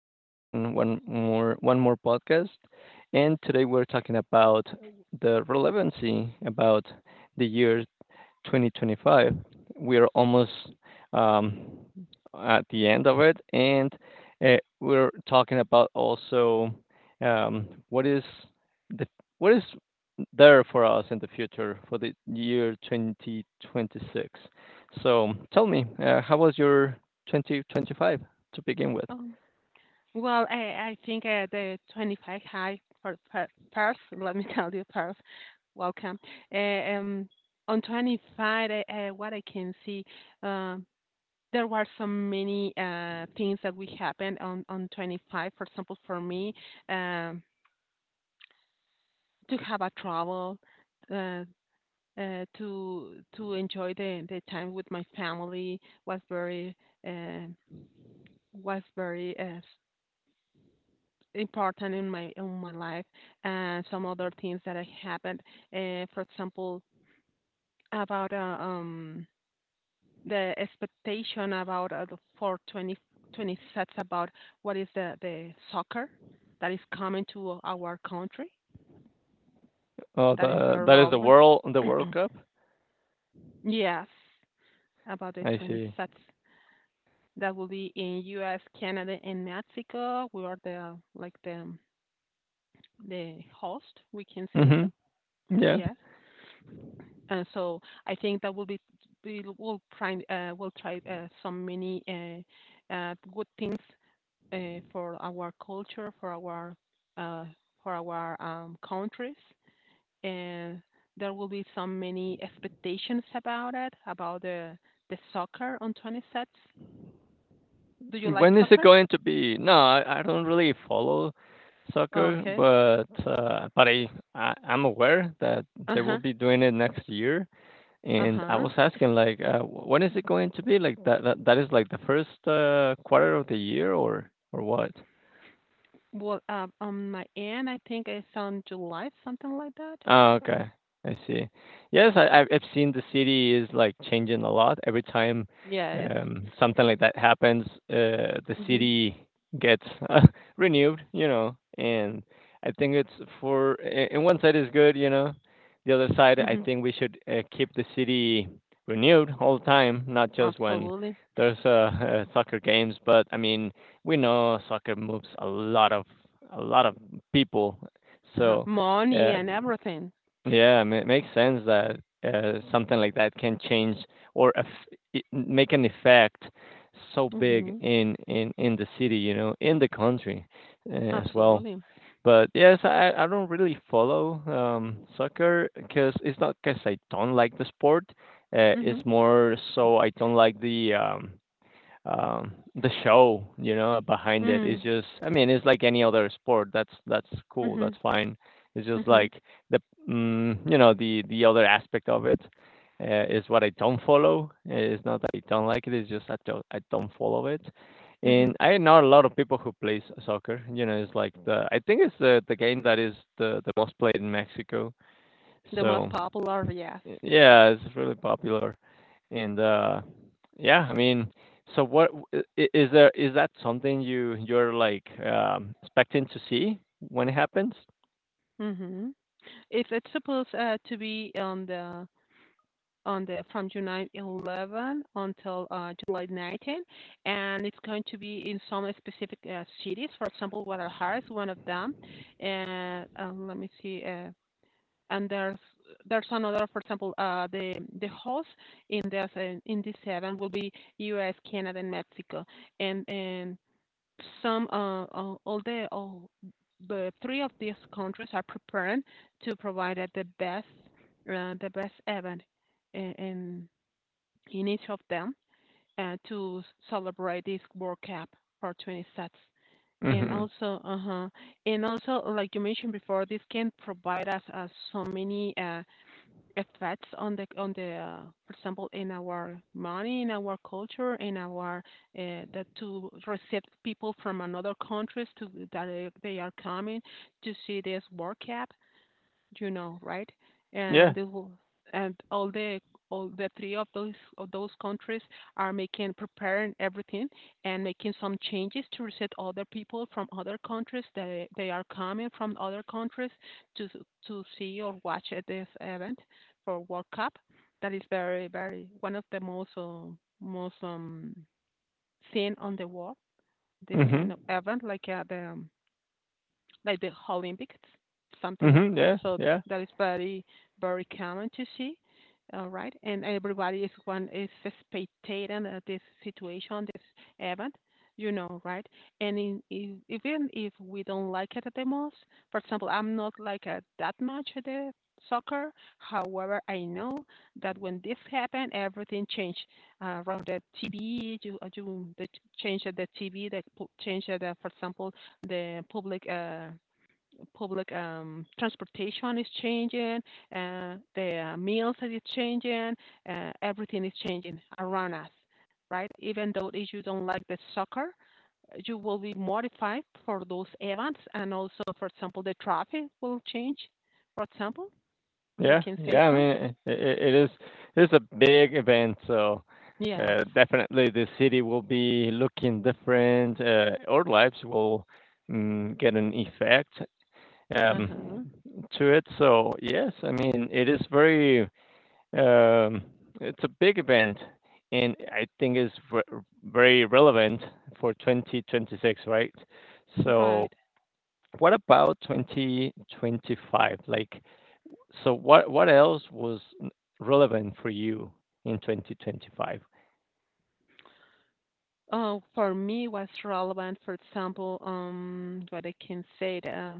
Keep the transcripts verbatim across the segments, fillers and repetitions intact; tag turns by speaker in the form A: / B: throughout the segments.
A: are back in one more one more podcast, and today we're talking about the relevancy about the years twenty twenty-five. We're almost um, at the end of it, and uh, we're talking about also um, what is the what is there for us in the future for the year twenty twenty-six. So tell me, uh, how was your twenty twenty-five to begin with?
B: Oh, well, I, I think uh, the twenty-five high per, per, pairs, let me tell you, pairs, welcome. Uh, um, on twenty-five, uh, uh, what I can see, um, there were so many uh, things that we happened on, on twenty-five. For example, for me, um, to have a travel, uh, uh, to to enjoy the, the time with my family was very uh, was very uh, important in my in my life and some other things that I happened. Uh, for example, about uh, um the expectation about uh, the four twenty twenty sets about what is the the soccer that is coming to our country
A: Oh,
B: that is
A: the
B: very
A: that is the
B: relevant.
A: world the World Cup.
B: Yes, about the
A: I
B: twenty
A: see.
B: sets that will be in U S, Canada, and Mexico. We are the like the the host, we can say
A: Mm-hmm.
B: so.
A: Yeah.
B: Yes. And so I think that will be we will try uh, will try uh, some many uh, uh, good things uh, for our culture, for our uh, for our um, countries, and there will be some many expectations about it about the the soccer on twenty sets. Do you like
A: When is it
B: soccer?
A: going to be? No, I, I don't really follow soccer,
B: Okay.
A: but uh, but I, I I'm aware that
B: Uh
A: they will
B: huh.
A: be doing it next year.
B: Uh
A: And I
B: huh.
A: was asking like, uh, wh- when is it going to be? Like that that, that is like the first uh, quarter of the year or or what?
B: Well, uh, on my end, I think it's on July, something like that.
A: Oh, okay. I see. Yes, I, I've I've seen the city is like changing a lot every time
B: Yes.
A: um, something like that happens. Uh, the
B: Mhm.
A: city gets uh, renewed, you know. And I think it's for. A- And one side is good, you know. The other side, I
B: Mhm.
A: think we should uh, keep the city renewed all the time, not just when
B: Absolutely.
A: there's uh, uh, soccer games. But I mean, we know soccer moves a lot of a lot of people,
B: Uh-huh.
A: so.
B: Money
A: Uh,
B: and everything.
A: yeah, ma it makes sense that uh, something like that can change or aff I make an effect so big
B: Mhm.
A: in in in the city, you know, in the country uh, as well.
B: Absolutely.
A: But yes, I I don't really follow um, soccer. Because it's not because I don't like the sport. Uh,
B: Mhm.
A: it's more so I don't like the um, um, the show, you know, behind it. Is
B: Mm.
A: just. I mean, it's like any other sport. That's that's cool.
B: Mhm.
A: That's fine. It's just
B: Mhm.
A: like the mm, you know, the the other aspect of it uh, is what I don't follow. It's not that I don't like it. It's just I don't I don't follow it.
B: Mhm.
A: And I know a lot of people who plays soccer. You know, it's like the I think it's the the game that is the the most played in Mexico.
B: The most
A: So
B: popular, yes.
A: yeah, it's really popular. And uh, yeah, I mean, so what I- is there? Is that something you you're like um, expecting to see when it happens?
B: Mhm. It's it's supposed uh, to be on the on the from July eleventh until uh, July nineteenth, and it's going to be in some specific uh, cities. For example, Guadalajara is one of them. And uh, let me see. Uh, and there's there's another, for example, uh, the the host in this uh, in this seven will be U S, Canada, and Mexico, and and some uh, uh, all the all the three of these countries are preparing to provide at the best uh, the best event in in in each of them uh, to celebrate this World Cup for twenty sets. And
A: Hmm.
B: also, uh huh, and also, like you mentioned before, this can provide us uh, so many uh, effects on the on the uh, for example in our money in our culture in our uh, that to receive people from another countries to that they they are coming to see this world cup you know, right?
A: Yeah.
B: And they will, and all the all the three of those of those countries are making preparing everything and making some changes to reset other people from other countries that they are coming from other countries to s- to see or watch at this event for World Cup. That is very very one of the most uh, most um seen on the world. This
A: Hmm.
B: kind of event, like uh, the um, like the Olympics, something
A: Hmm. Yeah.
B: also
A: Yeah.
B: that is very, very common to see, all right? And everybody is one is spectating at this situation, this event, you know, right? And in, in, even if we don't like it the most, for example, I'm not like a, that much at the soccer. However, I know that when this happened, everything changed uh, around the T V. You, uh, you the change of the T V, the change of the, for example, the public uh, public um, transportation is changing, uh, the uh, meals is changing, uh, everything is changing around us, right? Even though if you don't like the soccer, you will be modified for those events, and also, for example, the traffic will change. For example, we
A: Yeah.
B: can say
A: Yeah. I
B: so.
A: mean, it, it is it is a big event, so.
B: Yes.
A: Uh, definitely, the city will be looking different. Uh, our lives will mm, get an effect
B: Uh
A: um,
B: huh.
A: to it. So yes, I mean it is very. Um, it's a big event, and I think it's ve- very relevant for twenty twenty-six, right? So,
B: Right.
A: what about twenty twenty-five? Like, so what what else was n- relevant for you in twenty twenty-five?
B: Oh, for me, was relevant. For example, um, what I can say that. uh,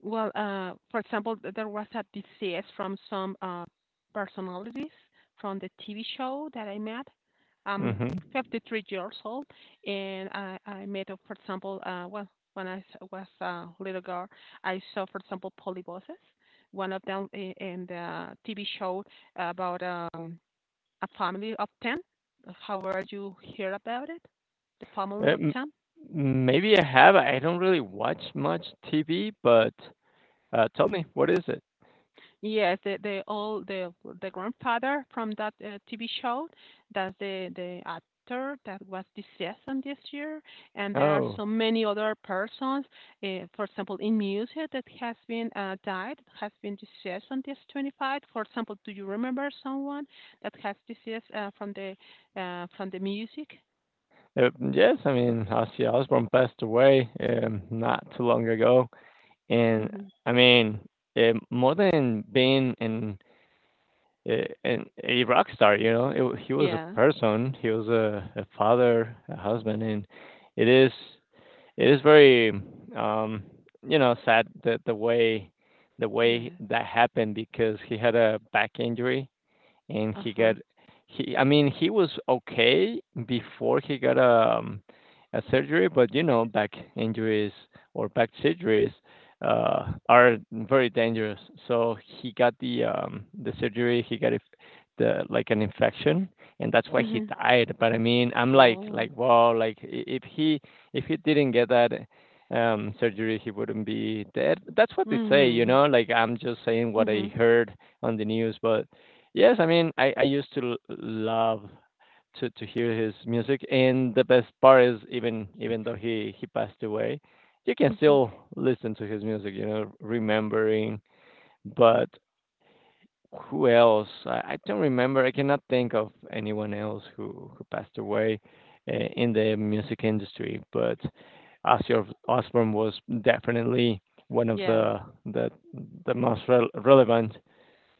B: Well, uh, for example, th- there was a disease from some uh, personalities from the T V show that I met. I'm
A: Mm-hmm.
B: fifty-three years old, and I, I met, uh, for example, uh, well, when I s- was a little girl, I saw, for example, polyboses, one of them i- in the T V show about um, a family of ten. However, you hear about it, the family of
A: Um,
B: ten.
A: maybe I have. I don't really watch much T V, but uh, tell me, what is it?
B: Yes, the the old the the grandfather from that uh, T V show, that's the the actor that was deceased on this year, and there are
A: Oh,
B: so many other persons. Uh, for example, in music that has been uh, died, has been deceased on this twenty-five. For example, do you remember someone that has deceased uh, from the uh, from the music?
A: uh, yes. I mean, Ozzy Osbourne passed away um, not too long ago. And
B: Hmm.
A: I mean, eh, more than being an eh, an a rock star, you know, it, he was a
B: Yeah,
A: person. He was a, a father, a husband, and it is it is very um, you know, sad that the way. The way
B: yeah,
A: that happened. Because he had a back injury and
B: uh
A: he
B: huh.
A: got he I mean, he was okay before he got a um a surgery, but you know, back injuries or back surgeries uh are very dangerous. So he got the um the surgery, he got it the like an infection, and that's why he
B: Hmm.
A: died. But I mean, I'm like
B: Oh.
A: like wow, like i- if he, if he didn't get that um surgery, he wouldn't be dead. That's what they say, you
B: Hmm.
A: know, like I'm just saying what
B: Hmm.
A: I heard on the news. But yes, I mean, I, I used to l- love to, to hear his music, and the best part is, even even though he he passed away, you can
B: Hmm.
A: still listen to his music, you know, remembering. But who else? I, I don't remember. I cannot think of anyone else who who passed away uh, in the music industry. But Ozzy Os- Osbourne was definitely one of
B: Yes.
A: the the the most rel relevant,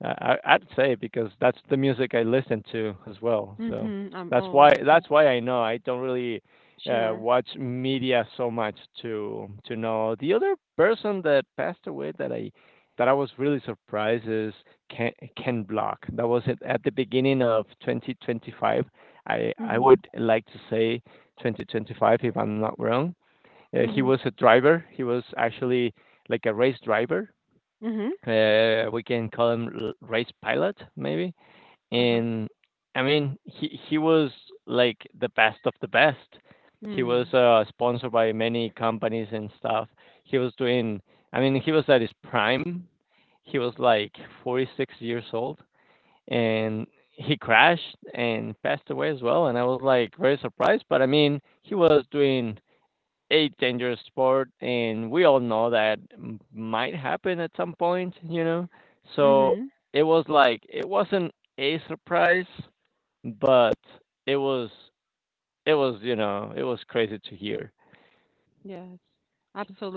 A: I, I would say, because that's the music I listen to as well. So
B: Mhm. Um,
A: that's
B: oh,
A: why
B: I see.
A: that's why I know. I don't really uh,
B: Sure.
A: watch media so much to to know. The other person that passed away that I that I was really surprised is Ken, Ken Block. That was it at the beginning of twenty twenty-five. I I
B: Mhm.
A: would like to say twenty twenty-five if I'm not wrong. Uh, he
B: Mhm.
A: was a driver. He was actually like a race driver.
B: Mhm.
A: Uh, we can call him l- race pilot maybe.
B: Uh-huh.
A: And I mean, he he was like the best of the best. He was
B: Mm.
A: uh, sponsored by many companies and stuff. He was doing, I mean, he was at his prime. He was like forty-six years old, and he crashed and passed away as well. And I was like very surprised, but I mean, he was doing a dangerous sport, and we all know that m- might happen at some point, you know? So
B: Mhm.
A: it was like, it wasn't a surprise, but it was, it was, you know, it was crazy to hear.
B: Yes.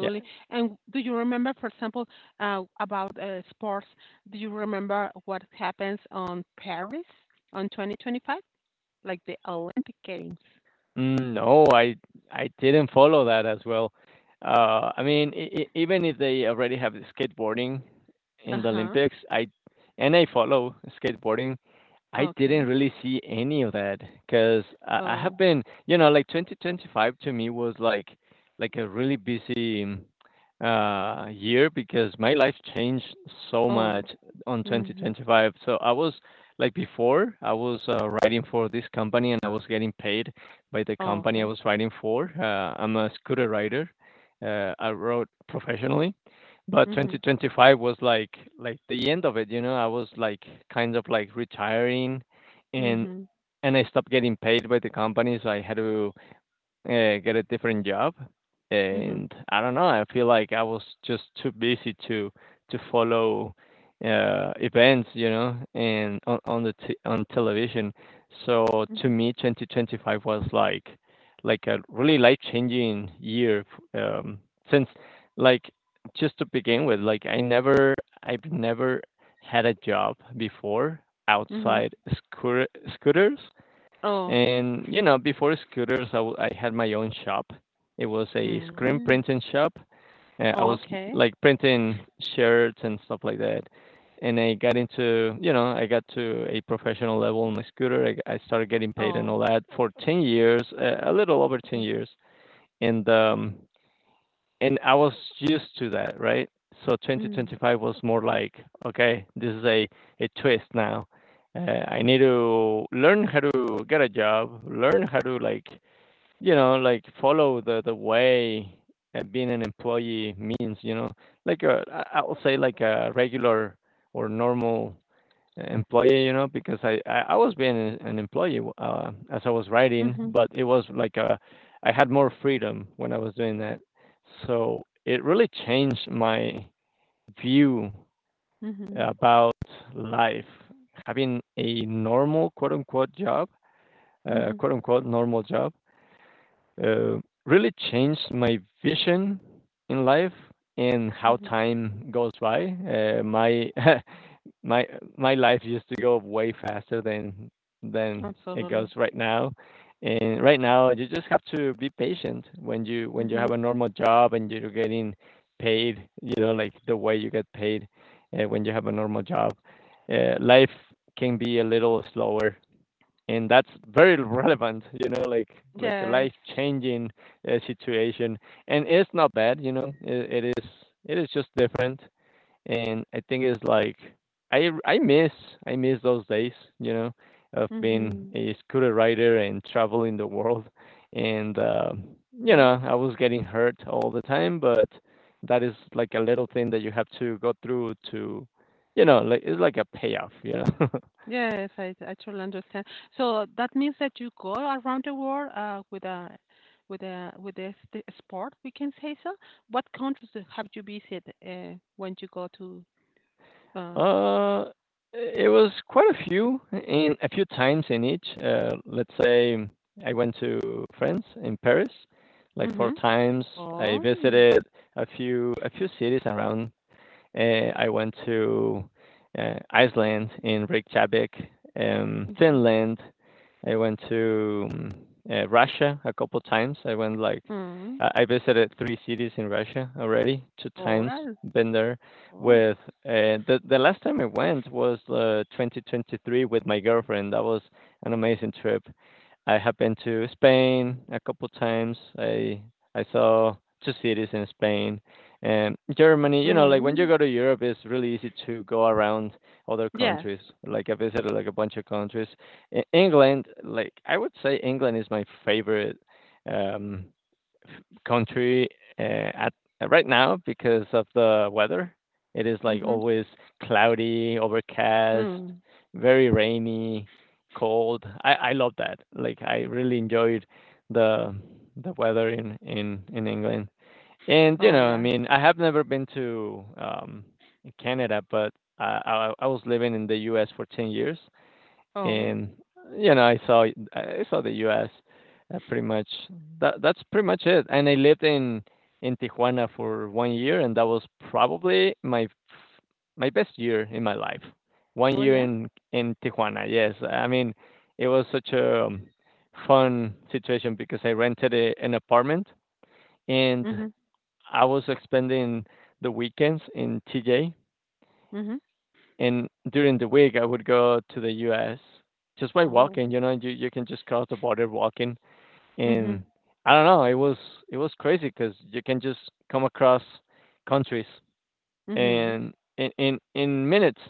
A: Yeah.
B: And do you remember, for example, uh, about uh, sports? Do you remember what happens on Paris on twenty twenty-five, like the Olympic Games?
A: Mm, no, I I didn't follow that as well. Uh, I mean, e- e- even if they already have the skateboarding in the
B: Uh-huh.
A: Olympics, I and I follow skateboarding. I didn't
B: Okay.
A: really see any of that because I, I have
B: Oh.
A: been, you know, like twenty twenty-five to me was like like a really busy um, uh, year, because my life changed so
B: Oh.
A: much on
B: Mhm.
A: twenty twenty-five. So I was like, before, I was uh, writing for this company, and I was getting paid by the
B: Oh,
A: company I
B: okay.
A: was riding for. Uh, I'm a scooter rider. Uh, I rode professionally, but
B: Mhm.
A: twenty twenty-five was like like the end of it. You know, I was like kind of like retiring, and
B: Mhm.
A: and I stopped getting paid by the company, so I had to uh, get a different job.
B: Mhm.
A: And I don't know, I feel like I was just too busy to to follow uh, events, you know, and on on the t- on television. So to
B: Mhm.
A: me, twenty twenty-five was like like a really life-changing year, um, since, like, just to begin with, like I never I've never had a job before
B: Mhm.
A: outside scooter, scooters.
B: Oh.
A: And you know, before scooters, I, w- I had my own shop. It was a screen
B: Mm.
A: printing shop. Uh, I
B: Oh,
A: was
B: okay.
A: like printing shirts and stuff like that. And I got into, you know, I got to a professional level on my scooter. I I started getting paid and
B: Oh.
A: all that for ten years, uh, a little over ten
B: Okay.
A: years. And um, and I was used to that, right? So
B: Mm.
A: twenty twenty-five was more like, okay, this is a, a twist now. Uh, I need to learn how to get a job, learn how to, like, you know, like follow the the way uh, being an employee means, you know, like a, I I would say like a regular or normal employee, you know, because I I I was being an an employee uh, as I was writing,
B: Mhm,
A: but it was like, uh, I had more freedom when I was doing that. So it really changed my view
B: mhm,
A: about life. Having a normal quote unquote job, uh,
B: mhm,
A: quote unquote normal job, uh, really changed my vision in life and how
B: mhm.
A: time goes by. Uh, my my my life used to go way faster than than it goes
B: Absolutely.
A: right now. And right now, you just have to be patient when you when you have
B: Mhm.
A: a normal job and you're getting paid, you know, like the way you get paid uh, when you have a normal job. Uh, life can be a little slower, and that's very relevant, you know, like like a
B: Yes.
A: life changing uh, situation. And it's not bad, you know, it, it is it is just different. And I think it's like I I miss, I miss those days, you know, of being
B: Mhm.
A: a scooter rider and traveling the world, and um, you
B: Mm.
A: know, I was getting hurt all the time, but that is like a little thing that you have to go through to, you know, like it's like a payoff, you know.
B: Yes, I I totally understand. So that means that you go around the world uh, with a with a with a st- sport, we can say so. What countries do- have you visited uh, when you go to? Uh,
A: Uh, it was quite a few, in a few times in each. Uh, let's say I went to France, in Paris, like four
B: mhm.
A: times. I
B: Oh.
A: visited a few a few cities around. Uh, I went to uh, Iceland, in Reykjavik, um,
B: Mhm.
A: Finland. I went to um, uh, Russia a couple times. I went like,
B: Mm.
A: I I visited three cities in Russia already, two times.
B: Oral.
A: Been there
B: Oh.
A: with uh, the the last time I went was uh, twenty twenty-three with my girlfriend. That was an amazing trip. I have been to Spain a couple times. I I saw two cities in Spain and Germany. You know, like when you
B: Mm.
A: go to Europe, it's really easy to go around other
B: Yes.
A: countries. Like I visited like a bunch of countries. E- England, like I would say England is my favorite um country uh, at right now because of the weather. It is like
B: Mhm.
A: always cloudy, overcast,
B: Mm.
A: very rainy, cold. I, I love that. Like I really enjoyed the the weather in, in, in England. And you
B: Oh
A: know, I
B: yeah.
A: mean, I have never been to um, Canada, but uh, I I was living in the U S for ten years,
B: Oh.
A: and you know, I saw I saw the U S. Uh, pretty much that that's pretty much it. And I lived in in Tijuana for one year, and that was probably my f- my best year in my life. One
B: Oh
A: year
B: yeah.
A: in in Tijuana. Yes, I mean it was such a um, fun situation because I rented a, an apartment, and
B: Mhm,
A: I was spending the weekends in T J,
B: mhm.
A: and during the week I would go to the U S just by
B: Oh.
A: walking. You know, you you can just cross the border walking. And
B: Mhm,
A: I don't know, it was it was crazy because you can just come across countries
B: mhm.
A: and in in, in minutes,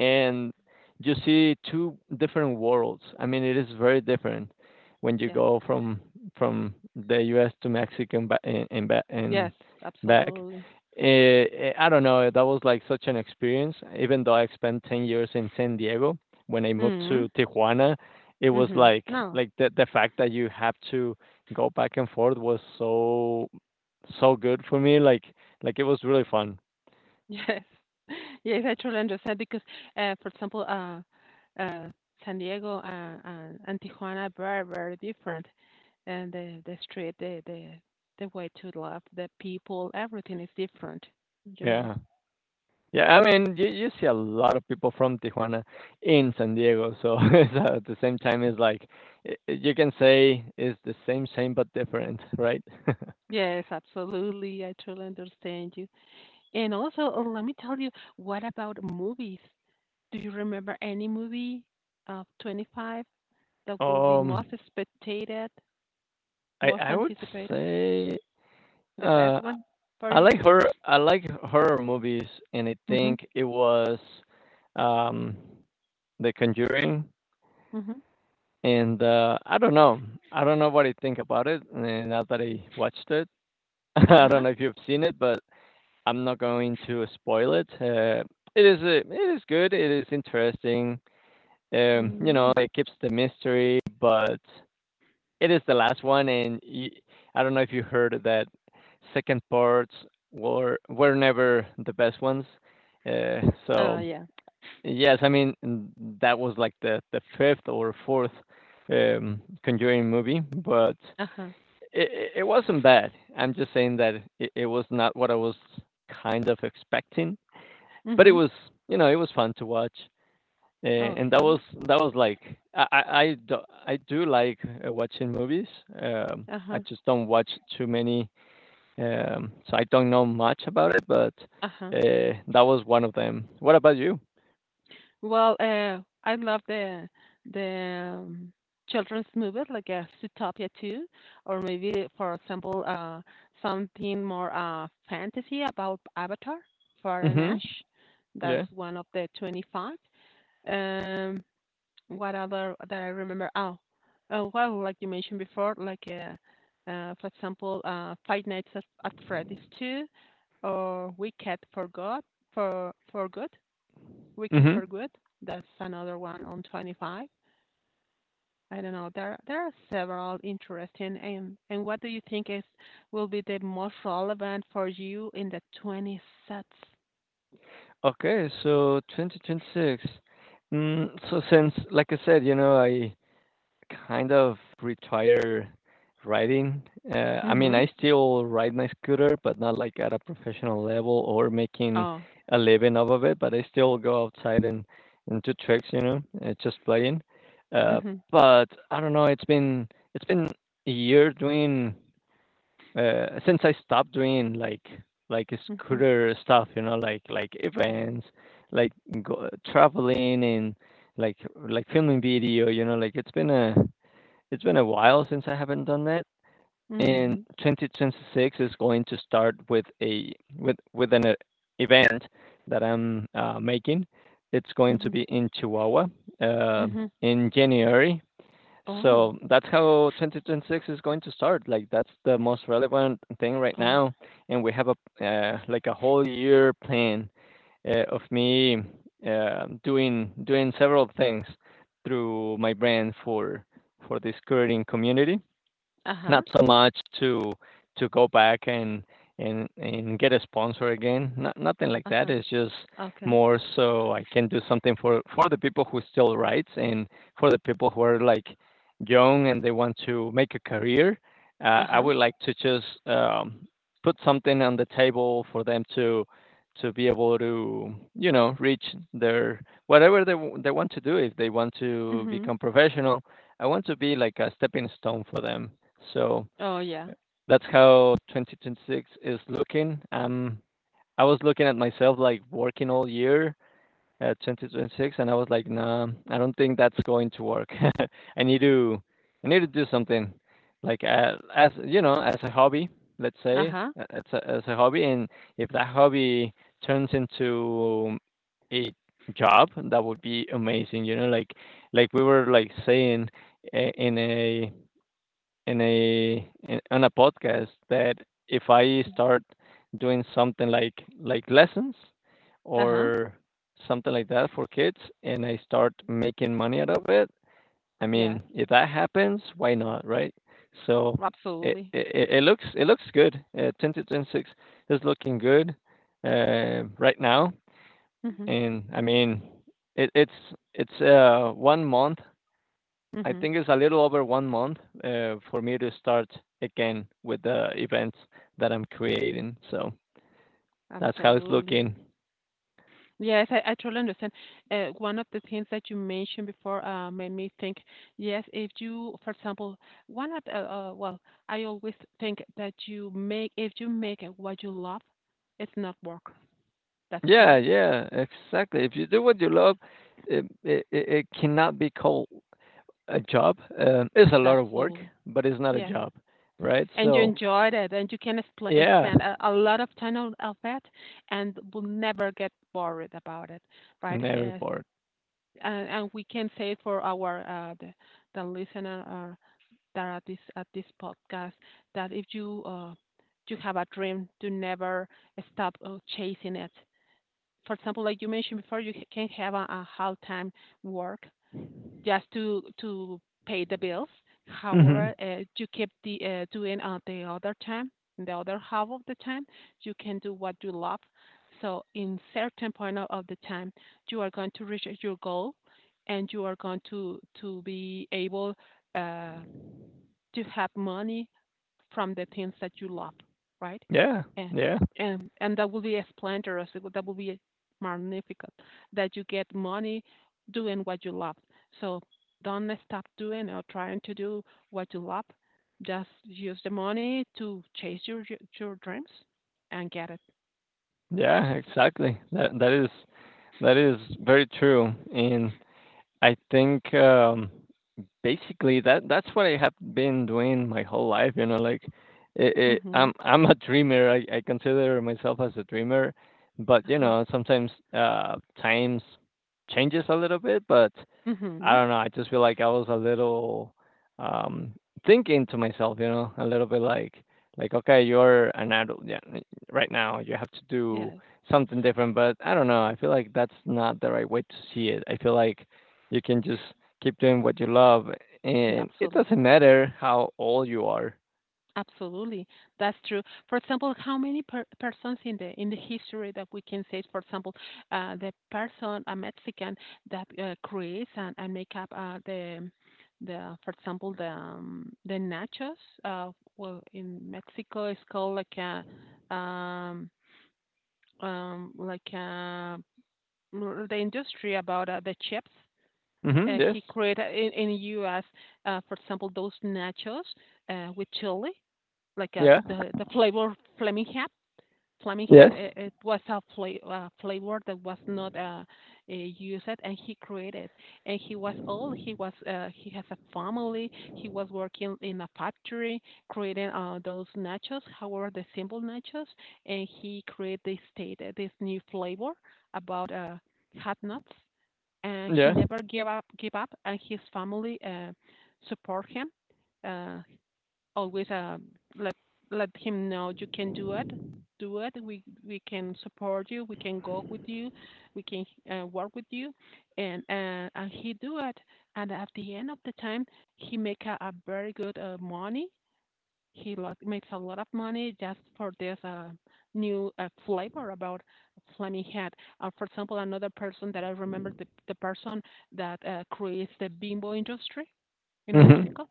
A: and you see two different worlds. I mean, it is very different when you
B: Yes.
A: go from from the U S to Mexico and ba- and, and, ba- and
B: Yes,
A: back.
B: absolutely.
A: Eh, eh, I don't know. That was like such an experience. Even though I spent ten years in San Diego, when I moved
B: Mm,
A: to Tijuana, it was
B: mhm.
A: like
B: No.
A: like the the fact that you have to go back and forth was so so good for me. Like like it was really fun.
B: Yes. Yes, I truly understand because, uh, for example, uh, uh, San Diego and, and, and Tijuana are very, very different. And the, the street, the, the, the way to love the people, everything is different, you know.
A: Yeah. Yeah, I mean, you you see a lot of people from Tijuana in San Diego, so it's uh, at the same time, it's like I I you can say it's the same, same but different, right?
B: Yes, absolutely. I truly understand you. And also, uh, let me tell you, what about movies? Do you remember any movie of twenty-five that will be
A: Um,
B: most spectated,
A: I
B: most
A: I would
B: anticipated,
A: say
B: the best
A: uh,
B: one for
A: I
B: you?
A: like her. I like horror movies, and I
B: Mm-hmm.
A: think it was um, The Conjuring.
B: Mm-hmm.
A: And uh, I don't know. I don't know what I think about it. And now that I watched it, I
B: Uh-huh.
A: don't know if you've seen it, but I'm not going to spoil it. Uh, it is a, it is good. It is interesting. Um, you know,
B: Mm.
A: it keeps the mystery, but it is the last one, and y I don't know if you heard that second parts were were never the best ones. Uh,
B: Uh,
A: so
B: yeah.
A: yes, I mean n- that was like the the fifth or fourth um, Conjuring movie, but
B: Uh-huh.
A: it, it wasn't bad. I'm just saying that it, it was not what I was kind of expecting, but it
B: Mm-hmm.
A: was, you know, it was fun to watch, uh, and that was
B: Okay.
A: that was like i i, I do, I do like uh, watching movies. um I
B: Uh-huh.
A: just don't watch too many. Um so I don't know much about it, but
B: Uh-huh.
A: uh, that was one of them. What about you?
B: Well, uh, I love the the um, children's movies like uh, Zootopia two, or maybe, for example, uh, something more uh, fantasy about Avatar, Fire
A: Mhm.
B: Ash. That's
A: Yeah.
B: one of the twenty-five. Um, what other that I remember? Oh, uh, well, like you mentioned before, like uh, uh, for example, uh, Five Nights at, at Freddy's two, or Wicked for God for for Good. Wicked
A: Mhm.
B: for Good. That's another one on twenty-five. I don't know. There there are several interesting. And and what do you think is will be the most relevant for you in the twenty sets?
A: Okay, so twenty twenty-six. Mm, so since like I said, you know, I kind of retire riding. Uh, I mean,
B: Mm-hmm.
A: I still ride my scooter, but not like at a professional level or making
B: Oh.
A: a living off of it. But I still go outside and and do tricks, you know, uh, just playing. Uh,
B: Mm-hmm.
A: but I don't know. It's been it's been a year doing, uh, since I stopped doing like like
B: Mm-hmm.
A: scooter stuff, you know, like like events, like go, traveling, and like like filming video. You know, like it's been a it's been a while since I haven't done that, and
B: Mm-hmm.
A: two thousand twenty-six is going to start with a with with an uh, event that I'm uh, making. It's going
B: Mm-hmm.
A: to be in Chihuahua uh,
B: Mm-hmm.
A: in January.
B: Oh.
A: So that's how twenty twenty-six is going to start. Like that's the most relevant thing right
B: Oh.
A: now, and we have a, uh, like a whole year plan uh, of me uh, doing doing several things through my brand for for this Korean community.
B: Uh-huh.
A: Not so much to to go back and and and get a sponsor again. Not, nothing like that.
B: Uh-huh.
A: It's just
B: Okay.
A: more so I can do something for for the people who still writes, and for the people who are like young and they want to make a career. Uh, I
B: Uh-huh.
A: would like to just, um, put something on the table for them to to be able to, you know, reach their, whatever they w- they want to do if they want to
B: Mm-hmm.
A: become professional. I want to be like a stepping stone for them, so
B: Oh yeah.
A: that's how two thousand twenty-six is looking. Um, I was looking at myself like working all year at twenty twenty-six, and I was like, nah, I don't think that's going to work. I need to, I need to do something, like uh, as you know, as a hobby, let's say,
B: Uh-huh.
A: uh, as a, as a hobby, and if that hobby turns into a job, that would be amazing. You know, like like we were like saying, uh, in a in a in, on a podcast, that if I
B: Mm.
A: start doing something like like lessons
B: Uh-huh.
A: or something like that for kids, and I start making money out of it, I
B: Yeah.
A: mean, if that happens, why not, right? So it
B: Absolutely.
A: it, it looks it looks good. Uh, ten to ten six is looking good uh, right now,
B: Mm-hmm.
A: and I mean, it, it's it's uh, one month, I
B: Mm-hmm.
A: think it's a little over one month uh, for me to start again with the events that I'm creating. So that's how it's
B: Absolutely.
A: looking.
B: Yes, I, I totally understand. Uh, one of the things that you mentioned before uh, made me think, yes, if you, for example, one of the, uh, uh, well, I always think that you make, if you make it what you love, it's not work. That's
A: Yeah,
B: correct.
A: yeah, exactly. If you do what you love, it it, it it cannot be called a job. Um, it's a lot
B: That's
A: of work,
B: all.
A: but it's not a
B: Yes.
A: job, right?
B: And you
A: So
B: enjoyed it and you can expl
A: yeah,
B: spend a, a lot of time on of it and will never get bored about it, right?
A: never
B: As,
A: bored.
B: and, and we can say it for our, uh, the, the listener uh, that are at this at this podcast that if you uh, you have a dream to never stop uh, chasing it. For example, like you mentioned before, you can have a, a hard time work just to to pay the bills. However,
A: Hmm.
B: uh, you keep the uh, doing uh, the other time, the other half of the time, you can do what you love. So, in certain point of, of the time, you are going to reach your goal, and you are going to to be able. Uh, to have money from the things that you love, right?
A: Yeah,
B: And
A: yeah,
B: and and that will be a splendorous. That will be magnificent that you get money doing what you love. So don't stop doing or trying to do what you love. Just use the money to chase your your dreams and get it.
A: yeah. Exactly. That that is that is very true, and I think. Um, basically that that's what I have been doing my whole life. You know, like it, it, I'm
B: Mhm.
A: I'm a dreamer. I, I consider myself as a dreamer, but you
B: Uh-huh.
A: know sometimes, uh, times changes a little bit. But I
B: Mhm.
A: don't know. I just feel like I was a little, um, thinking to myself, you know, a little bit like, like okay, you're an adult, yeah, right now. You have to do
B: Yes.
A: something different. But I don't know. I feel like that's not the right way to see it. I feel like you can just keep doing what you love, and it
B: Absolutely.
A: doesn't matter how old you are.
B: Absolutely, that's true. For example, how many per persons in the in the history that we can say, for example, uh, the person a Mexican that uh, creates and, and make up uh, the the for example the um, the nachos. Uh, well, in Mexico, it's called like a um, um, like a, mm, the industry about uh, the chips. Uh,
A: Mm-hmm. Yes.
B: he created in in U S. Uh, for example, those nachos uh, with chili like a
A: Yeah.
B: the the flavor Fleming had. Fleming had
A: Yes.
B: it, it was a fla- uh, flavor that was not uh, uh, used, and he created. And he was old. He was uh, he has a family. He was working in a factory creating uh, those nachos. However, the simple nachos, and he created this state uh, this new flavor about uh, hot nuts. And he
A: Yeah.
B: never gave up. Give up, and his family uh, support him. Uh, always, um, let let him know you can do it do it we we can support you, we can go with you, we can uh, work with you. And uh, and he do it. And at the end of the time, he make a, a very good uh, money. He lo- makes a lot of money just for this uh, new uh, flavor about flaming head. Uh, for example, another person that I remember, the, the person that uh, creates the Bimbo industry in
A: Mm-hmm.
B: Mexico.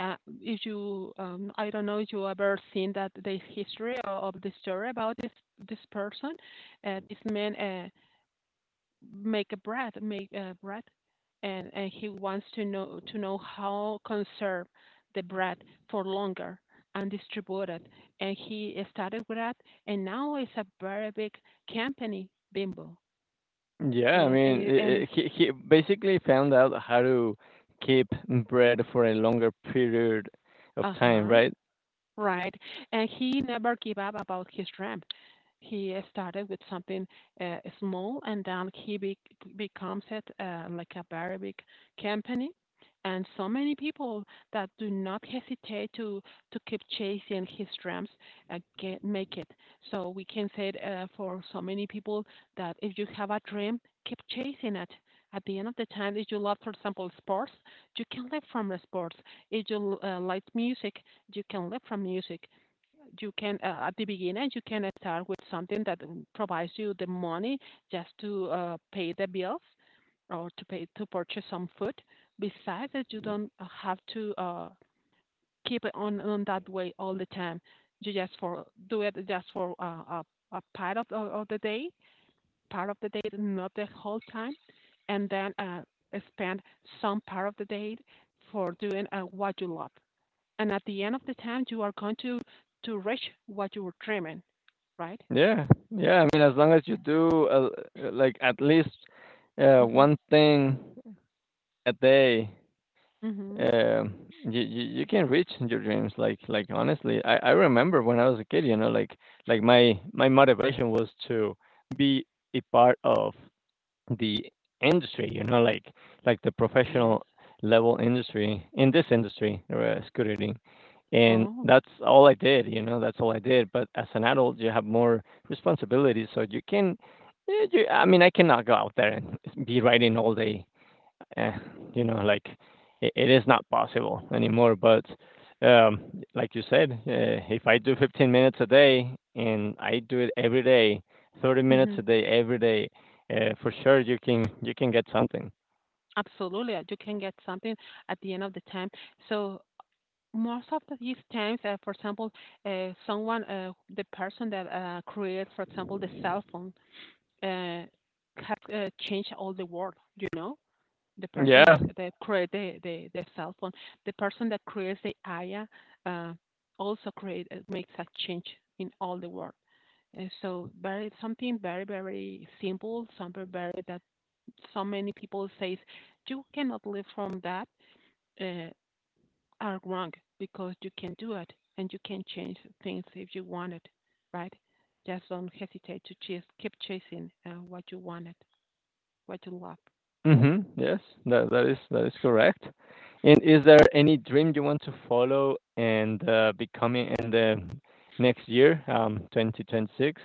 B: Uh, if you um, I don't know if you ever seen that the history o- of the story about this this person. Uh, this man, uh, make a bread make a bread, and and he wants to know to know how conserve the bread for longer, and distribute it. And he started with that, and now it's a very big company, Bimbo.
A: Yeah, I
B: and
A: mean,
B: and, and
A: I I
B: it's.
A: he he basically found out how to keep bread for a longer period of
B: Uh
A: time,
B: huh
A: right?
B: Right. And he never gave up about his dream. He uh, started with something uh, small, and then he be- becomes it uh, like a very big company. And so many people that do not hesitate to, to keep chasing his dreams uh, get, make it. So we can say it, uh, for so many people, that if you have a dream, keep chasing it. At the end of the time, if you love, for example, sports, you can live from the sports. If you uh, like music, you can live from music. You can uh, At the beginning, you can start with something that um, provides you the money just to uh, pay the bills, or to pay to purchase some food. Besides that, you don't uh, have to uh, keep it on on that way all the time. You just for do it, just for uh, a a part of of the day, part of the day, not the whole time, and then uh, spend some part of the day for doing uh, what you love, and at the end of the time you are going to to reach what you were dreaming, right?
A: Yeah, yeah. I mean, as long as you do uh, uh, like at least uh,
B: Mhm.
A: one thing a day,
B: Mhm.
A: um, you, you you can reach your dreams. Like like honestly, I I remember when I was a kid. You know, like like my my motivation was to be a part of the industry. You know, like like the
B: Yes.
A: professional level industry in this industry, uh, scooting. And
B: Oh.
A: that's all I did, you know, that's all I did. But as an adult, you have more responsibilities, so you can, eh, you, I mean, I cannot go out there and be riding all day, eh, you know, like it, it is not possible anymore. But um, like you said, uh, if I do fifteen minutes a day and I do it every day, thirty minutes a
B: Mhm.
A: day every day, uh, for sure you can, you can get something.
B: Absolutely, uh, you can get something at the end of the time. So most of the- these times, uh, for example, uh, someone uh, the person that uh, creates, for example, the cell phone uh, has uh, changed all the world you know the person
A: Yeah.
B: that, that create the, the, the cell phone, the person that creates the I A, uh, also create, uh, makes a change in all the world. And so very something very very simple, something very that so many people says you cannot live from that, uh, are wrong, because you can do it and you can change things if you want it, right? Just don't hesitate to chase, keep chasing uh, what you wanted, what you love.
A: Mhm. Yes. That that is that is correct. And is there any dream you want to follow and uh, becoming in the next year, um, twenty twenty-six?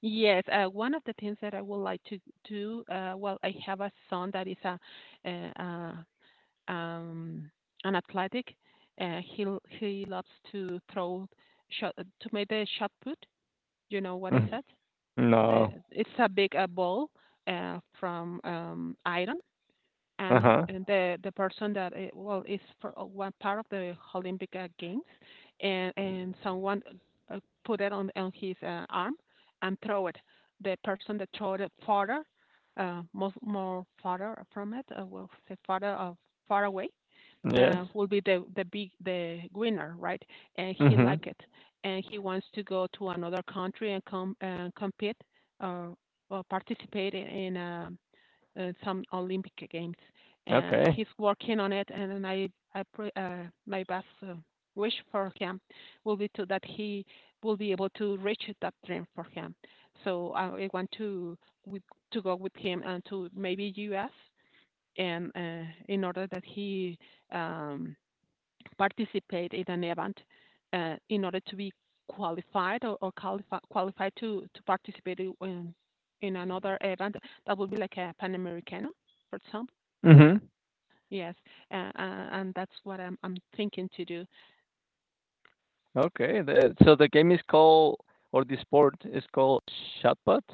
B: Yes, uh, one of the things that I would like to do, uh, well, I have a son that is a, uh, uh, um, an athletic. Uh, he l- he loves to throw shot, to make the shot put. You know what is
A: Mm.
B: that? The,
A: No.
B: it's a big uh, ball uh, from um, iron, and
A: Uh-huh.
B: and the the person that uh, well, is for uh, one part of the Olympic uh, Games, and and someone uh, put it on on his uh, arm and throw it. The person that threw it farther, uh, most more farther from it, uh, will say farther, uh, far away.
A: Yes.
B: Uh, will be the the big the winner, right? And he like
A: Mhm.
B: it, and he wants to go to another country and come and compete, uh, or participate in in a uh, some Olympic Games, and
A: Okay.
B: he's working on it. And I, I pray, uh, my best uh, wish for him will be to that he will be able to reach that dream for him. So I, I want to with, to go with him and to maybe U S, and uh, in order that he um, participate in an event, uh, in order to be qualified, or, or qualify, qualified, to, to participate in, in another event that would be like a Pan Americano, for example.
A: Mhm.
B: Yes, uh, uh, and that's what I'm, I'm thinking to do.
A: Okay, the so the game is called, or the sport is called, shot put?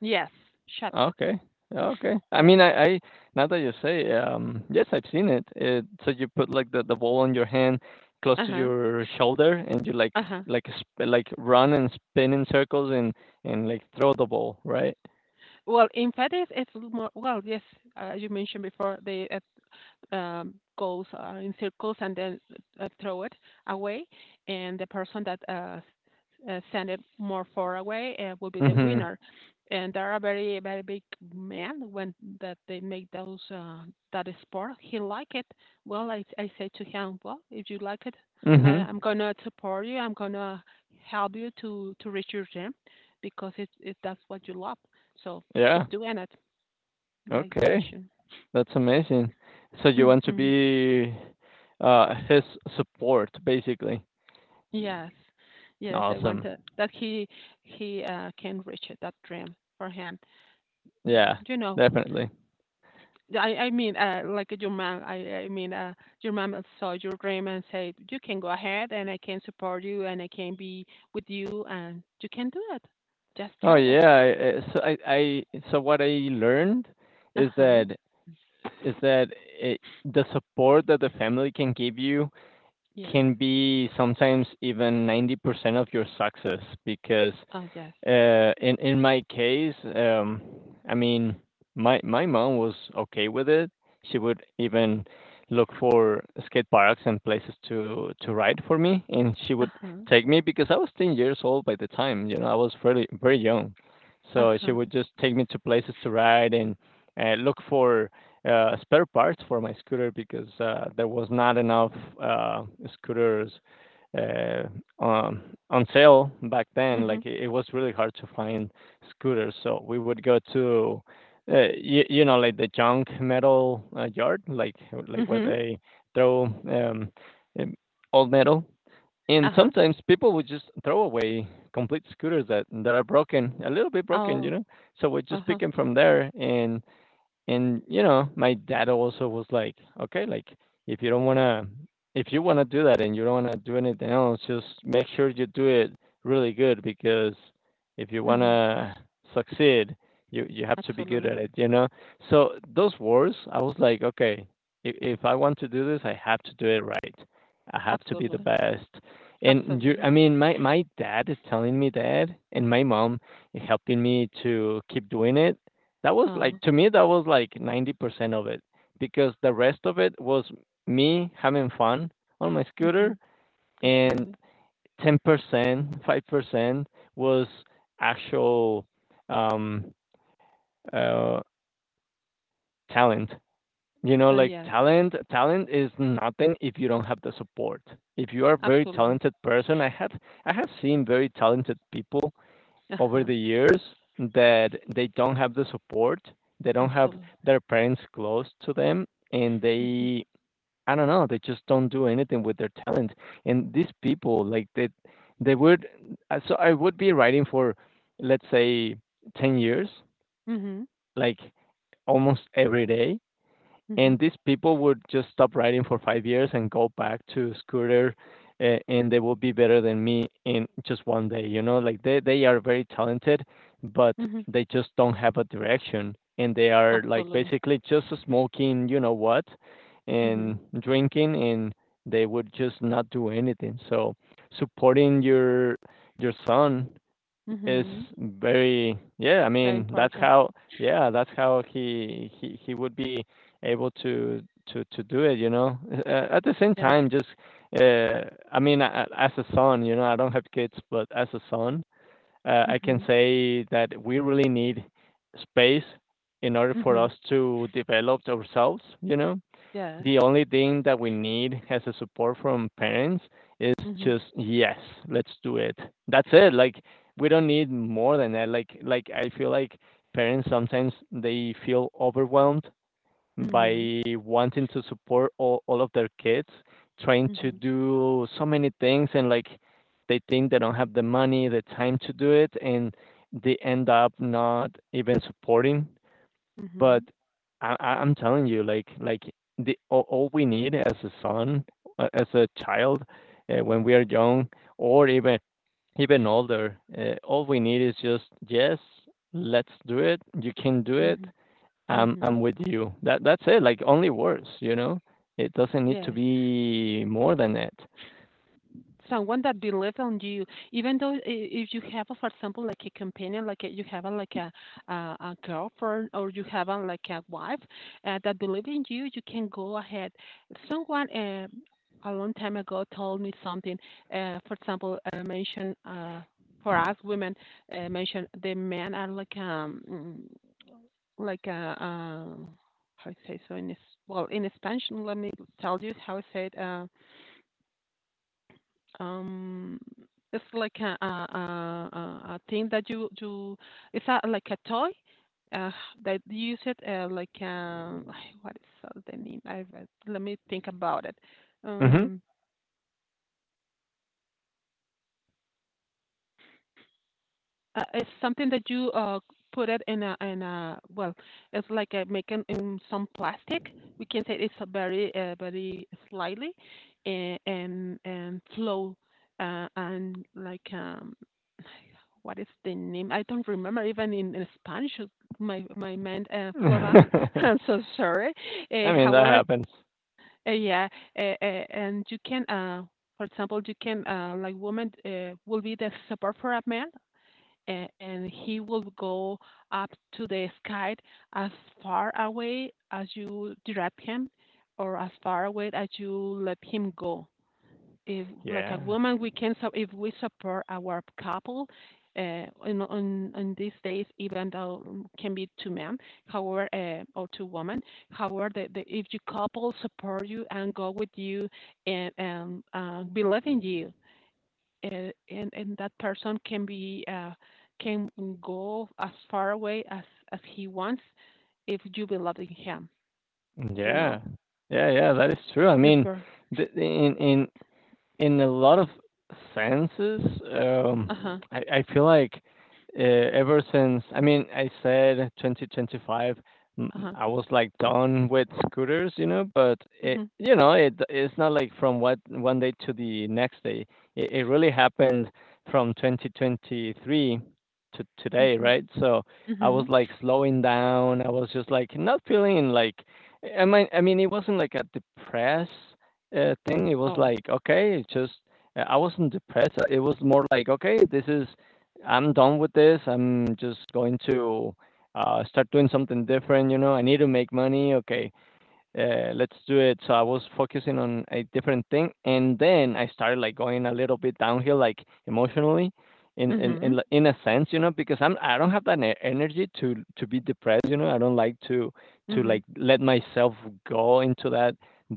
B: Yes, shut that.
A: Okay. Okay. I mean,
B: Yes.
A: I I now that you say, um, yes, I've seen it. It so you put, like, the the ball on your hand close
B: Uh
A: to
B: huh.
A: your shoulder, and you, like,
B: Uh huh.
A: like, sp like, run and spin in circles, and and, like, throw the ball, right?
B: Well, in fact, it's, it's more, well, yes, uh, you mentioned before the, uh, um, goes, uh, in circles, and then uh, throw it away, and the person that, uh, uh, send it more far away, uh, will be the
A: Mhm.
B: winner. And there are very very big men when that they make those, uh, that sport. He like it. Well, I I say to him, well, if you like it, I,
A: Mhm.
B: I'm gonna support you. I'm gonna help you to to reach your dream, because it, it that's what you love. So
A: Yeah.
B: keep doing it, like you
A: Okay.
B: mentioned.
A: That's amazing. So you want to
B: Hmm.
A: be, uh, his support, basically.
B: Yes. Yes, I want
A: Awesome.
B: to, that he he uh, can reach it, that dream for him. Mm,
A: Yeah,
B: You know,
A: definitely.
B: I I mean, uh, like your mom, I I mean, uh, your mom saw your dream and said, "You can go ahead, and I can support you, and I can be with you, and you can do it. Just
A: Oh
B: try that."
A: yeah, I- so I I so what I learned
B: Uh
A: is
B: huh.
A: that is that it, the support that the family can give you
B: Yes.
A: can be sometimes even ninety percent of your success, because
B: Oh yes.
A: Uh, in in my case, um, I mean, my my mom was okay with it. She would even look for skate parks and places to to ride for me, and she
B: Uh
A: would
B: huh.
A: take me because I was ten years old by the time. You know, I was fairly very young,
B: Uh
A: so she
B: huh.
A: would just take me to places to ride and uh, look for uh, spare parts for my scooter because uh, there was not enough uh, scooters uh, on on sale back then.
B: Mhm.
A: Like it, it was really hard to find scooters, so we would go to uh, you, you know like the junk metal uh, yard, like like where
B: Mhm.
A: they throw um, um, old metal. And
B: Uh huh.
A: sometimes people would just throw away complete scooters that that are broken, a little bit broken, you
B: Oh.
A: know. So we
B: Uh
A: just pick
B: huh.
A: them from there and and, you know, my dad also was like, "Okay, like, if you don't wanna if you wanna do that and you don't wanna do anything else, just make sure you do it really good because if you
B: Mhm.
A: wanna succeed, you you have to be good
B: Absolutely.
A: at it," you know? So those words, I was like, "Okay, if if I want to do this, I have to do it right. I have to be the
B: Absolutely.
A: best." And you
B: Absolutely.
A: I mean, my my dad telling me that and my mom helping me to keep doing it that was like
B: Oh.
A: to me that was like ninety percent of it because the rest of it was me having fun on my scooter
B: Mhm.
A: and
B: Absolutely.
A: ten percent, five percent was actual um uh talent. You know,
B: Uh,
A: like
B: yes,
A: talent talent is nothing if you don't have the support. If you are a very
B: absolutely.
A: talented person, I have I have seen very talented people over
B: Uh-huh.
A: the years that they don't have the support, they don't have
B: Absolutely.
A: their parents close to them, and
B: Mhm.
A: they I don't know, they just don't do anything with their talent. And these people, like they they would uh, so I would be writing for let's say ten years,
B: Mhm.
A: like almost every day, and
B: Mhm.
A: these people would just stop riding for five years and go back to scooter uh, and they will be better than me in just one day, you know, like they, they are very talented but
B: Mhm.
A: they just don't have a direction, and they are like
B: Absolutely.
A: basically just smoking, you know what,
B: Mhm.
A: and drinking, and they would just not do anything. So supporting your your son is
B: Mhm.
A: very yeah I
B: Very
A: mean that's
B: important.
A: how yeah that's how he he he would be able to to to do it, you know. Uh, at the same
B: Yes.
A: time, just uh I mean a- a- as a son, you know, I don't have kids, but as a son, uh, I can
B: Mhm.
A: say that we really need space in order for
B: Mhm.
A: us to develop ourselves, you know.
B: Yes.
A: The only thing that we need as a support from parents is
B: Mhm.
A: just yes, let's do it. That's it. Like, we don't need more than that. like like I feel like parents sometimes they feel overwhelmed
B: Mhm.
A: by wanting to support all, all of their kids, trying to
B: Mhm.
A: do so many things, and like they think they don't have the money, the time to do it, and they end up not even supporting. But
B: Mhm.
A: I I I'm telling you, like like the all all we need as a son, uh, as a child, uh, when we are young or even even older, uh, all we need is just, "Yes, let's do it. You can do it.
B: Mhm.
A: I'm
B: Mhm.
A: I'm with you." That that's it, like, only words, you know? It doesn't need to
B: Yes.
A: be more than it.
B: Someone that believes on you. Even though, i- if you have, for example, like a companion, like a, you have a, like a, a a girlfriend, or you have a, like a wife, uh, that believe in you, you can go ahead. Someone, uh, a long time ago, told me something, uh, for example, uh, mentioned, uh, for us women, uh, mentioned, the men are like um mm, like a uh, um, how I say so in this, well, in Spanish, let me tell you how I say it. um, um, it's like a, a, a, a a thing that you you. It's a, like a toy. Uh, that you use it, uh, like, um, what is, uh, the name? I, I- let me think about it.
A: Mhm.
B: Um, Uh, it's something that you uh put it in a in a, well, it's like uh, making in some plastic. We can say it's a very uh, very slightly, and and, and flow, uh, and like, um, what is the name? I don't remember even in, in Spanish. uh, My my mind, uh, flow up. I'm so sorry. Uh,
A: I mean, that
B: however,
A: happens.
B: uh, yeah, uh, uh, and you can, uh, for example, you can, uh, like woman, uh, will be the support for a man, and, and he will go up to the sky, as far away as you direct him, or as far away as you let him go. If like a
A: Yeah.
B: woman, we can, so if we support our couple, uh, in on on these days, even though um, can be two men, however, uh, or two women. However, the, the, if your couple support you and go with you and um, uh, believe in you, and and, and that person can be, uh, can go as far away as as he wants, if you believe in him. You know,
A: Yeah. Yeah, yeah, that is true. I
B: it's
A: mean,
B: ver.
A: the in in in a lot of senses, um,
B: Uh huh.
A: I, I feel like uh, ever since, I mean, I said twenty twenty-five, mm,
B: Uh huh.
A: I was like done with scooters, you know, but it,
B: Mhm.
A: you know, it it's not like from what one day to the next day. It, it really happened from twenty twenty-three to today,
B: Mhm.
A: right? So I was
B: Mhm.
A: like slowing down. I was just like not feeling like I mean, I mean, it wasn't like a depressed uh, thing. It was
B: Oh.
A: like, okay, it's just uh, I wasn't depressed. It was more like, okay, this is I'm done with this. I'm just going to uh, start doing something different. You know, I need to make money. Okay, uh, let's do it. So I was focusing on a different thing, and then I started like going a little bit downhill, like emotionally, in in in
B: Mhm.
A: like, in a sense, you know, because I'm I don't have that e- energy to to be depressed, you know. I don't like to to like
B: Mhm.
A: let myself go into that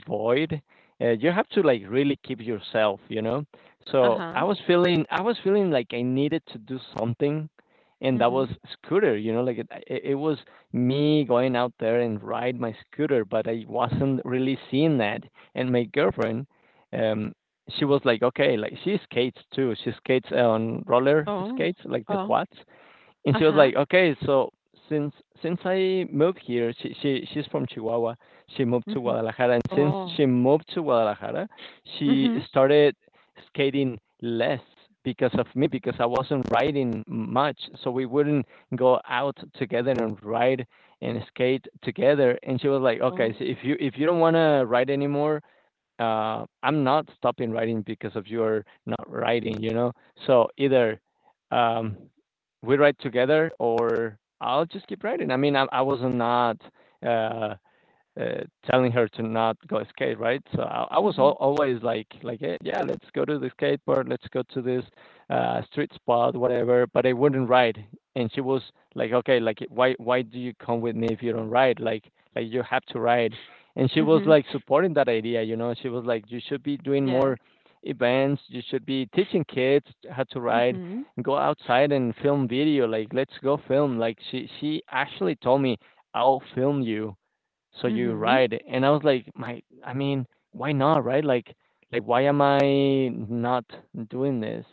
A: void. Uh, you have to like really keep yourself, you know.
B: Uh
A: So
B: huh.
A: I was feeling I was feeling like I needed to do something, and that was
B: Mhm.
A: scooter, you know, like it it, it was me going out there and ride my scooter, but I wasn't really seeing that. And my girlfriend, um, she was like, okay, like she skates too. She skates on roller
B: Oh.
A: skates, like the
B: Oh.
A: quads, and
B: Uh
A: she was
B: huh.
A: like, "Okay, so since since I moved here, she she she's from Chihuahua. She moved to
B: Mhm.
A: Guadalajara, and since
B: Oh.
A: she moved to Guadalajara, she
B: Mhm.
A: started skating less because of me because I wasn't riding much, so we wouldn't go out together and ride and skate together." And she was like, "Okay,
B: Oh.
A: so if you if you don't want to ride anymore, uh, I'm not stopping writing because of your not writing, you know? So either um, we write together or I'll just keep writing." I mean, I, I was not uh, uh, telling her to not go skate, right? So I, I was al-
B: Mhm.
A: always like, like, "Hey, yeah, let's go to the skateboard, let's go to this uh, street spot, whatever." But I wouldn't ride, and she was like, okay, like, why, why do you come with me if you don't ride? Like, like you have to ride, and she was
B: Mhm.
A: like supporting that idea, you know. She was like, you should be doing
B: Yes.
A: more events, you should be teaching kids how to ride.
B: Mhm.
A: Go outside and film video. Like, let's go film. Like, she she actually told me, I'll film you so you
B: Mhm.
A: ride, and I was like, "My I mean, why not, right? Like like, why am I not doing this?"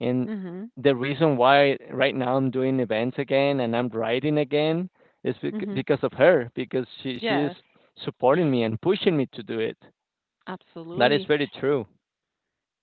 A: And
B: Mhm.
A: the reason why right now I'm doing events again and I'm riding again is bec
B: Mhm.
A: because of her, because she she's
B: Yes.
A: supporting me and pushing me to do it. That is
B: Absolutely.
A: very true.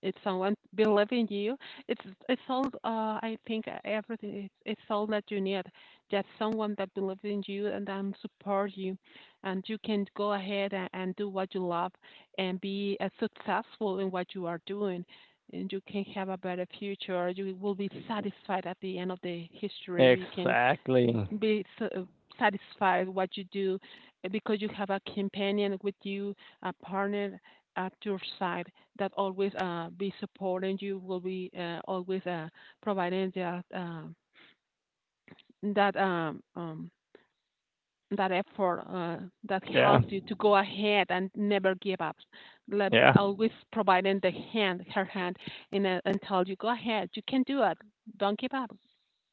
B: It's someone believing you. It's it's all, uh I think, uh, everything, it's, it's all that you need. Just someone that believes in you, and um support you, and you can go ahead and, and do what you love, and be as successful in what you are doing, and you can have a better future. You will be satisfied at the end of the history. We can
A: Exactly.
B: be s- uh, satisfied what you do, uh, because you have a companion with you, a partner at your side that always uh, be supporting you, will be, uh, always, uh, providing that, um that um, um, that effort, uh, that
A: Yeah.
B: helps you to go ahead and never give up. Like,
A: Yeah.
B: always providing the hand, her hand, and uh, and tell you, go ahead, you can do it. Don't give up.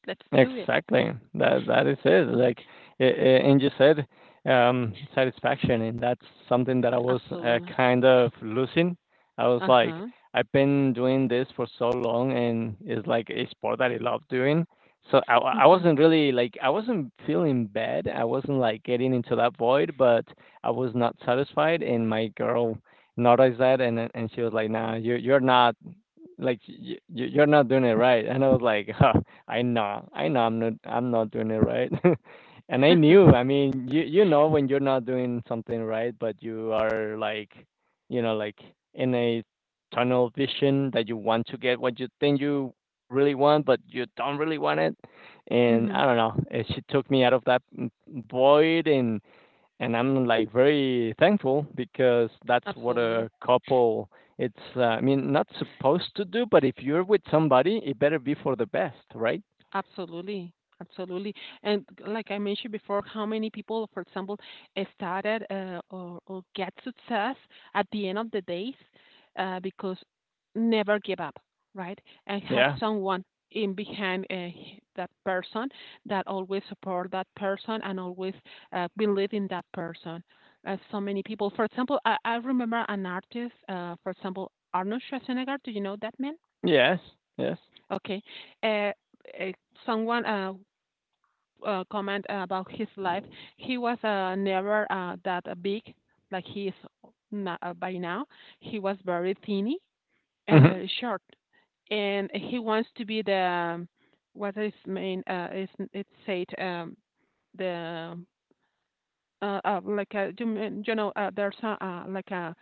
B: Let's do it.
A: Exactly. That that is it. Like, a- a- and you said, um, satisfaction, and that's something that I was uh,
B: Absolutely.
A: kind of losing. I was
B: Uh
A: like,
B: huh.
A: I've been doing this for so long, and it's like a sport that I love doing. So I I wasn't really like I wasn't feeling bad. I wasn't like getting into that void, but I was not satisfied. And my girl noticed that, and and she was like, "Nah, you you're not like y- y- you're not doing it right," and I was like, huh, I know, i know i'm not i'm not doing it right. And I
B: Hmm.
A: knew, I mean, you you know when you're not doing something right but you are like, you know, like in a tunnel vision that you want to get what you think you really want but you don't really want it. And
B: Mm-hmm.
A: I don't know, eh, she took me out of that mm, void, and and I'm like very thankful because that's what
B: Absolutely.
A: a couple it's uh, I mean not supposed to do, but if you're with somebody, it better be for the best, right?
B: Absolutely. Absolutely. And g- like I mentioned before, how many people, for example, eh, started, uh, or, or get success at the end of the days, uh, because never give up, right? And have
A: Yeah.
B: someone in behind, uh, h- that person that always support that person, and always uh, believe in that person. Uh, so many people, for example, I, I remember an artist, uh, for example, Arnold Schwarzenegger. Do you know that man?
A: Yes. Yes.
B: Okay. Uh, uh, Someone, uh, uh, comment about his life. He was uh, never uh, that uh, big like he is na uh, by now. He was very thinny and
A: Hmm.
B: very short, and he wants to be the um, what is main, uh, is it said, um, the uh, uh, like uh, you, mean- you know uh, there's a, uh, like a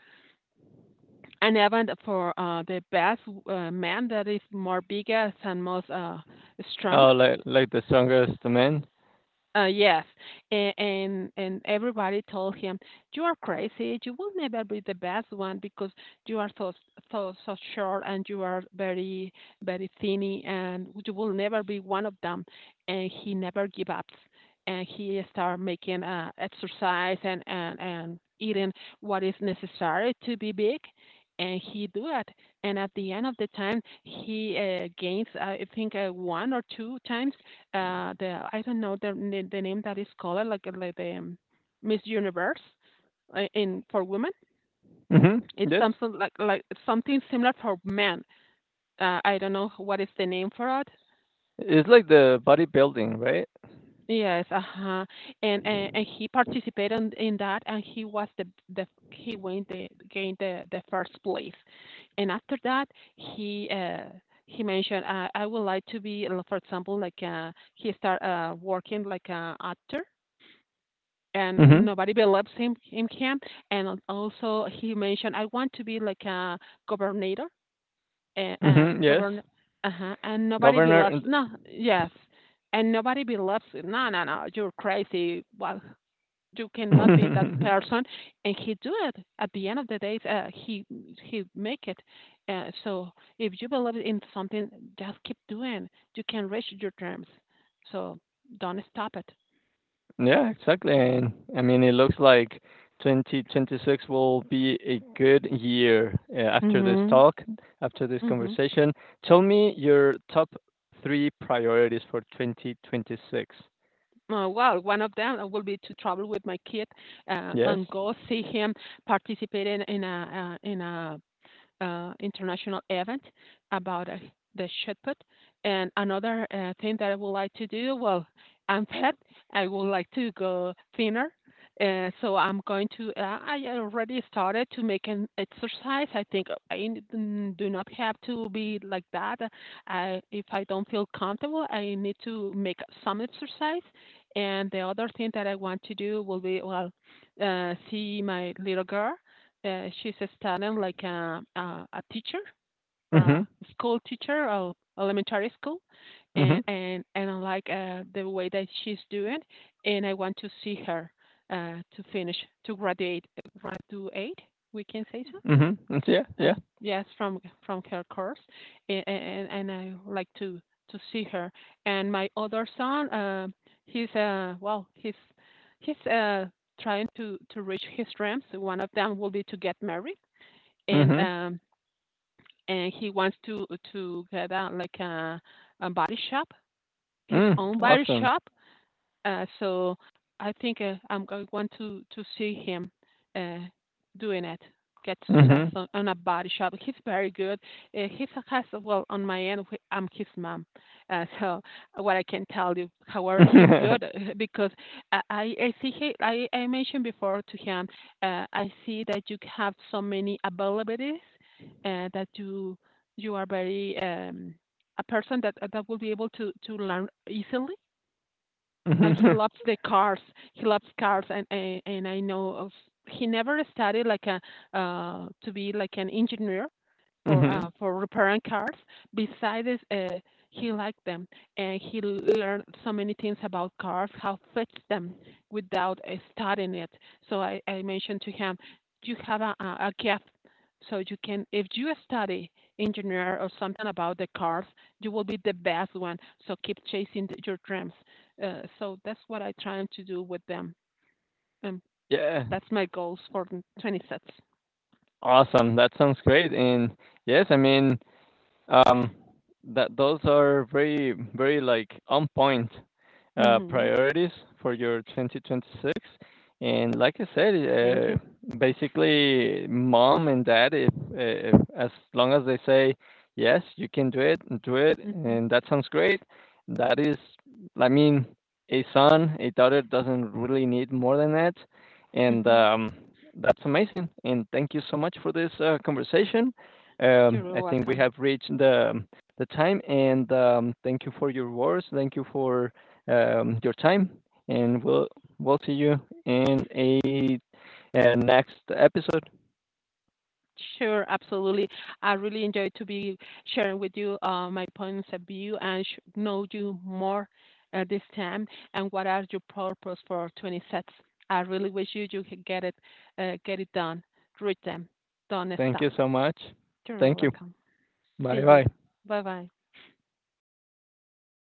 B: an event for uh, the best uh, man that is more biggest and most uh, strong.
A: Oh, like like the strongest man.
B: Uh, yes, and, and and everybody told him, "You are crazy. You will never be the best one because you are so so so short and you are very very thinny, and you will never be one of them." And he never give up, and he start making uh, exercise and and and eating what is necessary to be big, and he do it. And at the end of the time, he uh, gains, uh, I think, uh, one or two times uh the I don't know the n- the name that is called like, uh, like the um, Miss Universe, uh, in for women.
A: Hmm.
B: It's
A: Yes.
B: something like like something similar for men. Uh, I don't know what is the name for it.
A: It's like the bodybuilding, right?
B: Yes, uh huh. And, and and he participated in, in that, and he was the the he went the gained the the first place. And after that, he uh he mentioned, uh, I would like to be, uh, for example, like uh he start uh working like a actor, and
A: Hmm.
B: nobody believes him, him can. And also he mentioned, I want to be like a governor and, and
A: Hmm. Yes.
B: govern, uh-huh, and nobody believes.
A: Governor.
B: No, yes, and nobody believes. No, no, no, you're crazy. Well, you cannot be that
A: And
B: person. And he do it. At the end of the day, uh, he he make it. Uh, so if you believe in something, just keep doing. You can reach your dreams. So don't stop it.
A: yeah, exactly. And I mean, it looks like twenty twenty-six will be a good year uh, after this
B: Mm-hmm.
A: talk, after this
B: Mhm.
A: conversation. Tell me your top three priorities for twenty twenty-six.
B: Uh, well, one of them will be to travel with my kid, uh,
A: Yes?
B: and go see him participate in, in a, uh, in a uh, international event about, uh, the shot put. And another uh, thing that I would like to do, well, I'm fat. I would like to go thinner. Uh, so I'm going to. Uh, I already started to make an exercise. I think I n- n- do not have to be like that. I, if I don't feel comfortable, I need to make some exercise. And the other thing that I want to do will be, well, uh, see my little girl. Uh, she's a student, like a, a, a teacher for
A: Mm-hmm.
B: a school teacher of elementary school,
A: Mm-hmm.
B: and and and I like, uh, the way that she's doing, and I want to see her uh, to finish, to graduate graduate. We can say so.
A: Mm-hmm. Yeah,
B: Uh,
A: yeah.
B: yes, from from her course, and, and and I like to to see her. And my other son, uh, he's uh well, he's he's uh trying to, to reach his dreams. One of them will be to get married, and
A: Mm-hmm.
B: um, and he wants to to get out like a, a body shop, his
A: Mm,
B: own body
A: awesome.
B: shop, uh, so I think uh, I'm going want to, to see him uh, doing it, get success
A: Mm-hmm.
B: on, on a body shop. He's very good. Uh, he's a has well on my end. wh- I'm his mom, uh, so what I can tell you. However, he's
A: Mm-hmm.
B: good because I I I see he, I I mentioned before to him. Uh, I see that you have so many abilities, uh, that you you are very, um, a person that that will be able to to learn easily, and he loves the cars. He loves cars, and and, and I know of, he never studied like a, uh, to be like an engineer for, uh, for repairing cars. Besides, uh, he liked them, and he learned so many things about cars, how fits them without, uh, studying it. So I, I mentioned to him, you have a, a a gift. So you can, if you study engineer or something about the cars, you will be the best one. So keep chasing th- your dreams. Uh, so that's what I trying to do with them, and
A: Yeah,
B: that's my goals for the twenty sets.
A: awesome. That sounds great. And yes, I mean, Um, that those are very, very like on point uh,
B: Mm-hmm.
A: priorities for your twenty twenty-six. And like I said,
B: Thank
A: uh,
B: you.
A: basically, mom and dad, if, if as long as they say yes, you can do it, do it,
B: Mm-hmm.
A: and that sounds great. That is, I mean, a son, a daughter doesn't really need more than that, and
B: Mm-hmm.
A: um, that's amazing. And thank you so much for this uh, conversation. Um,
B: You're
A: I think we
B: welcome.
A: have reached the the time, and um, thank you for your words. Thank you for um, your time, and we'll we'll see you in a, a next episode.
B: Sure, absolutely. I really enjoyed to be sharing with you, uh, my points of view, and sh- know you more, uh, this time. And what are your purpose for twenty sets? I really wish you, you could get it, uh, get it done, reach them, don't
A: Thank
B: stop.
A: you so much.
B: You're
A: Thank you.
B: welcome. See
A: Bye
B: you.
A: bye.
B: Bye bye.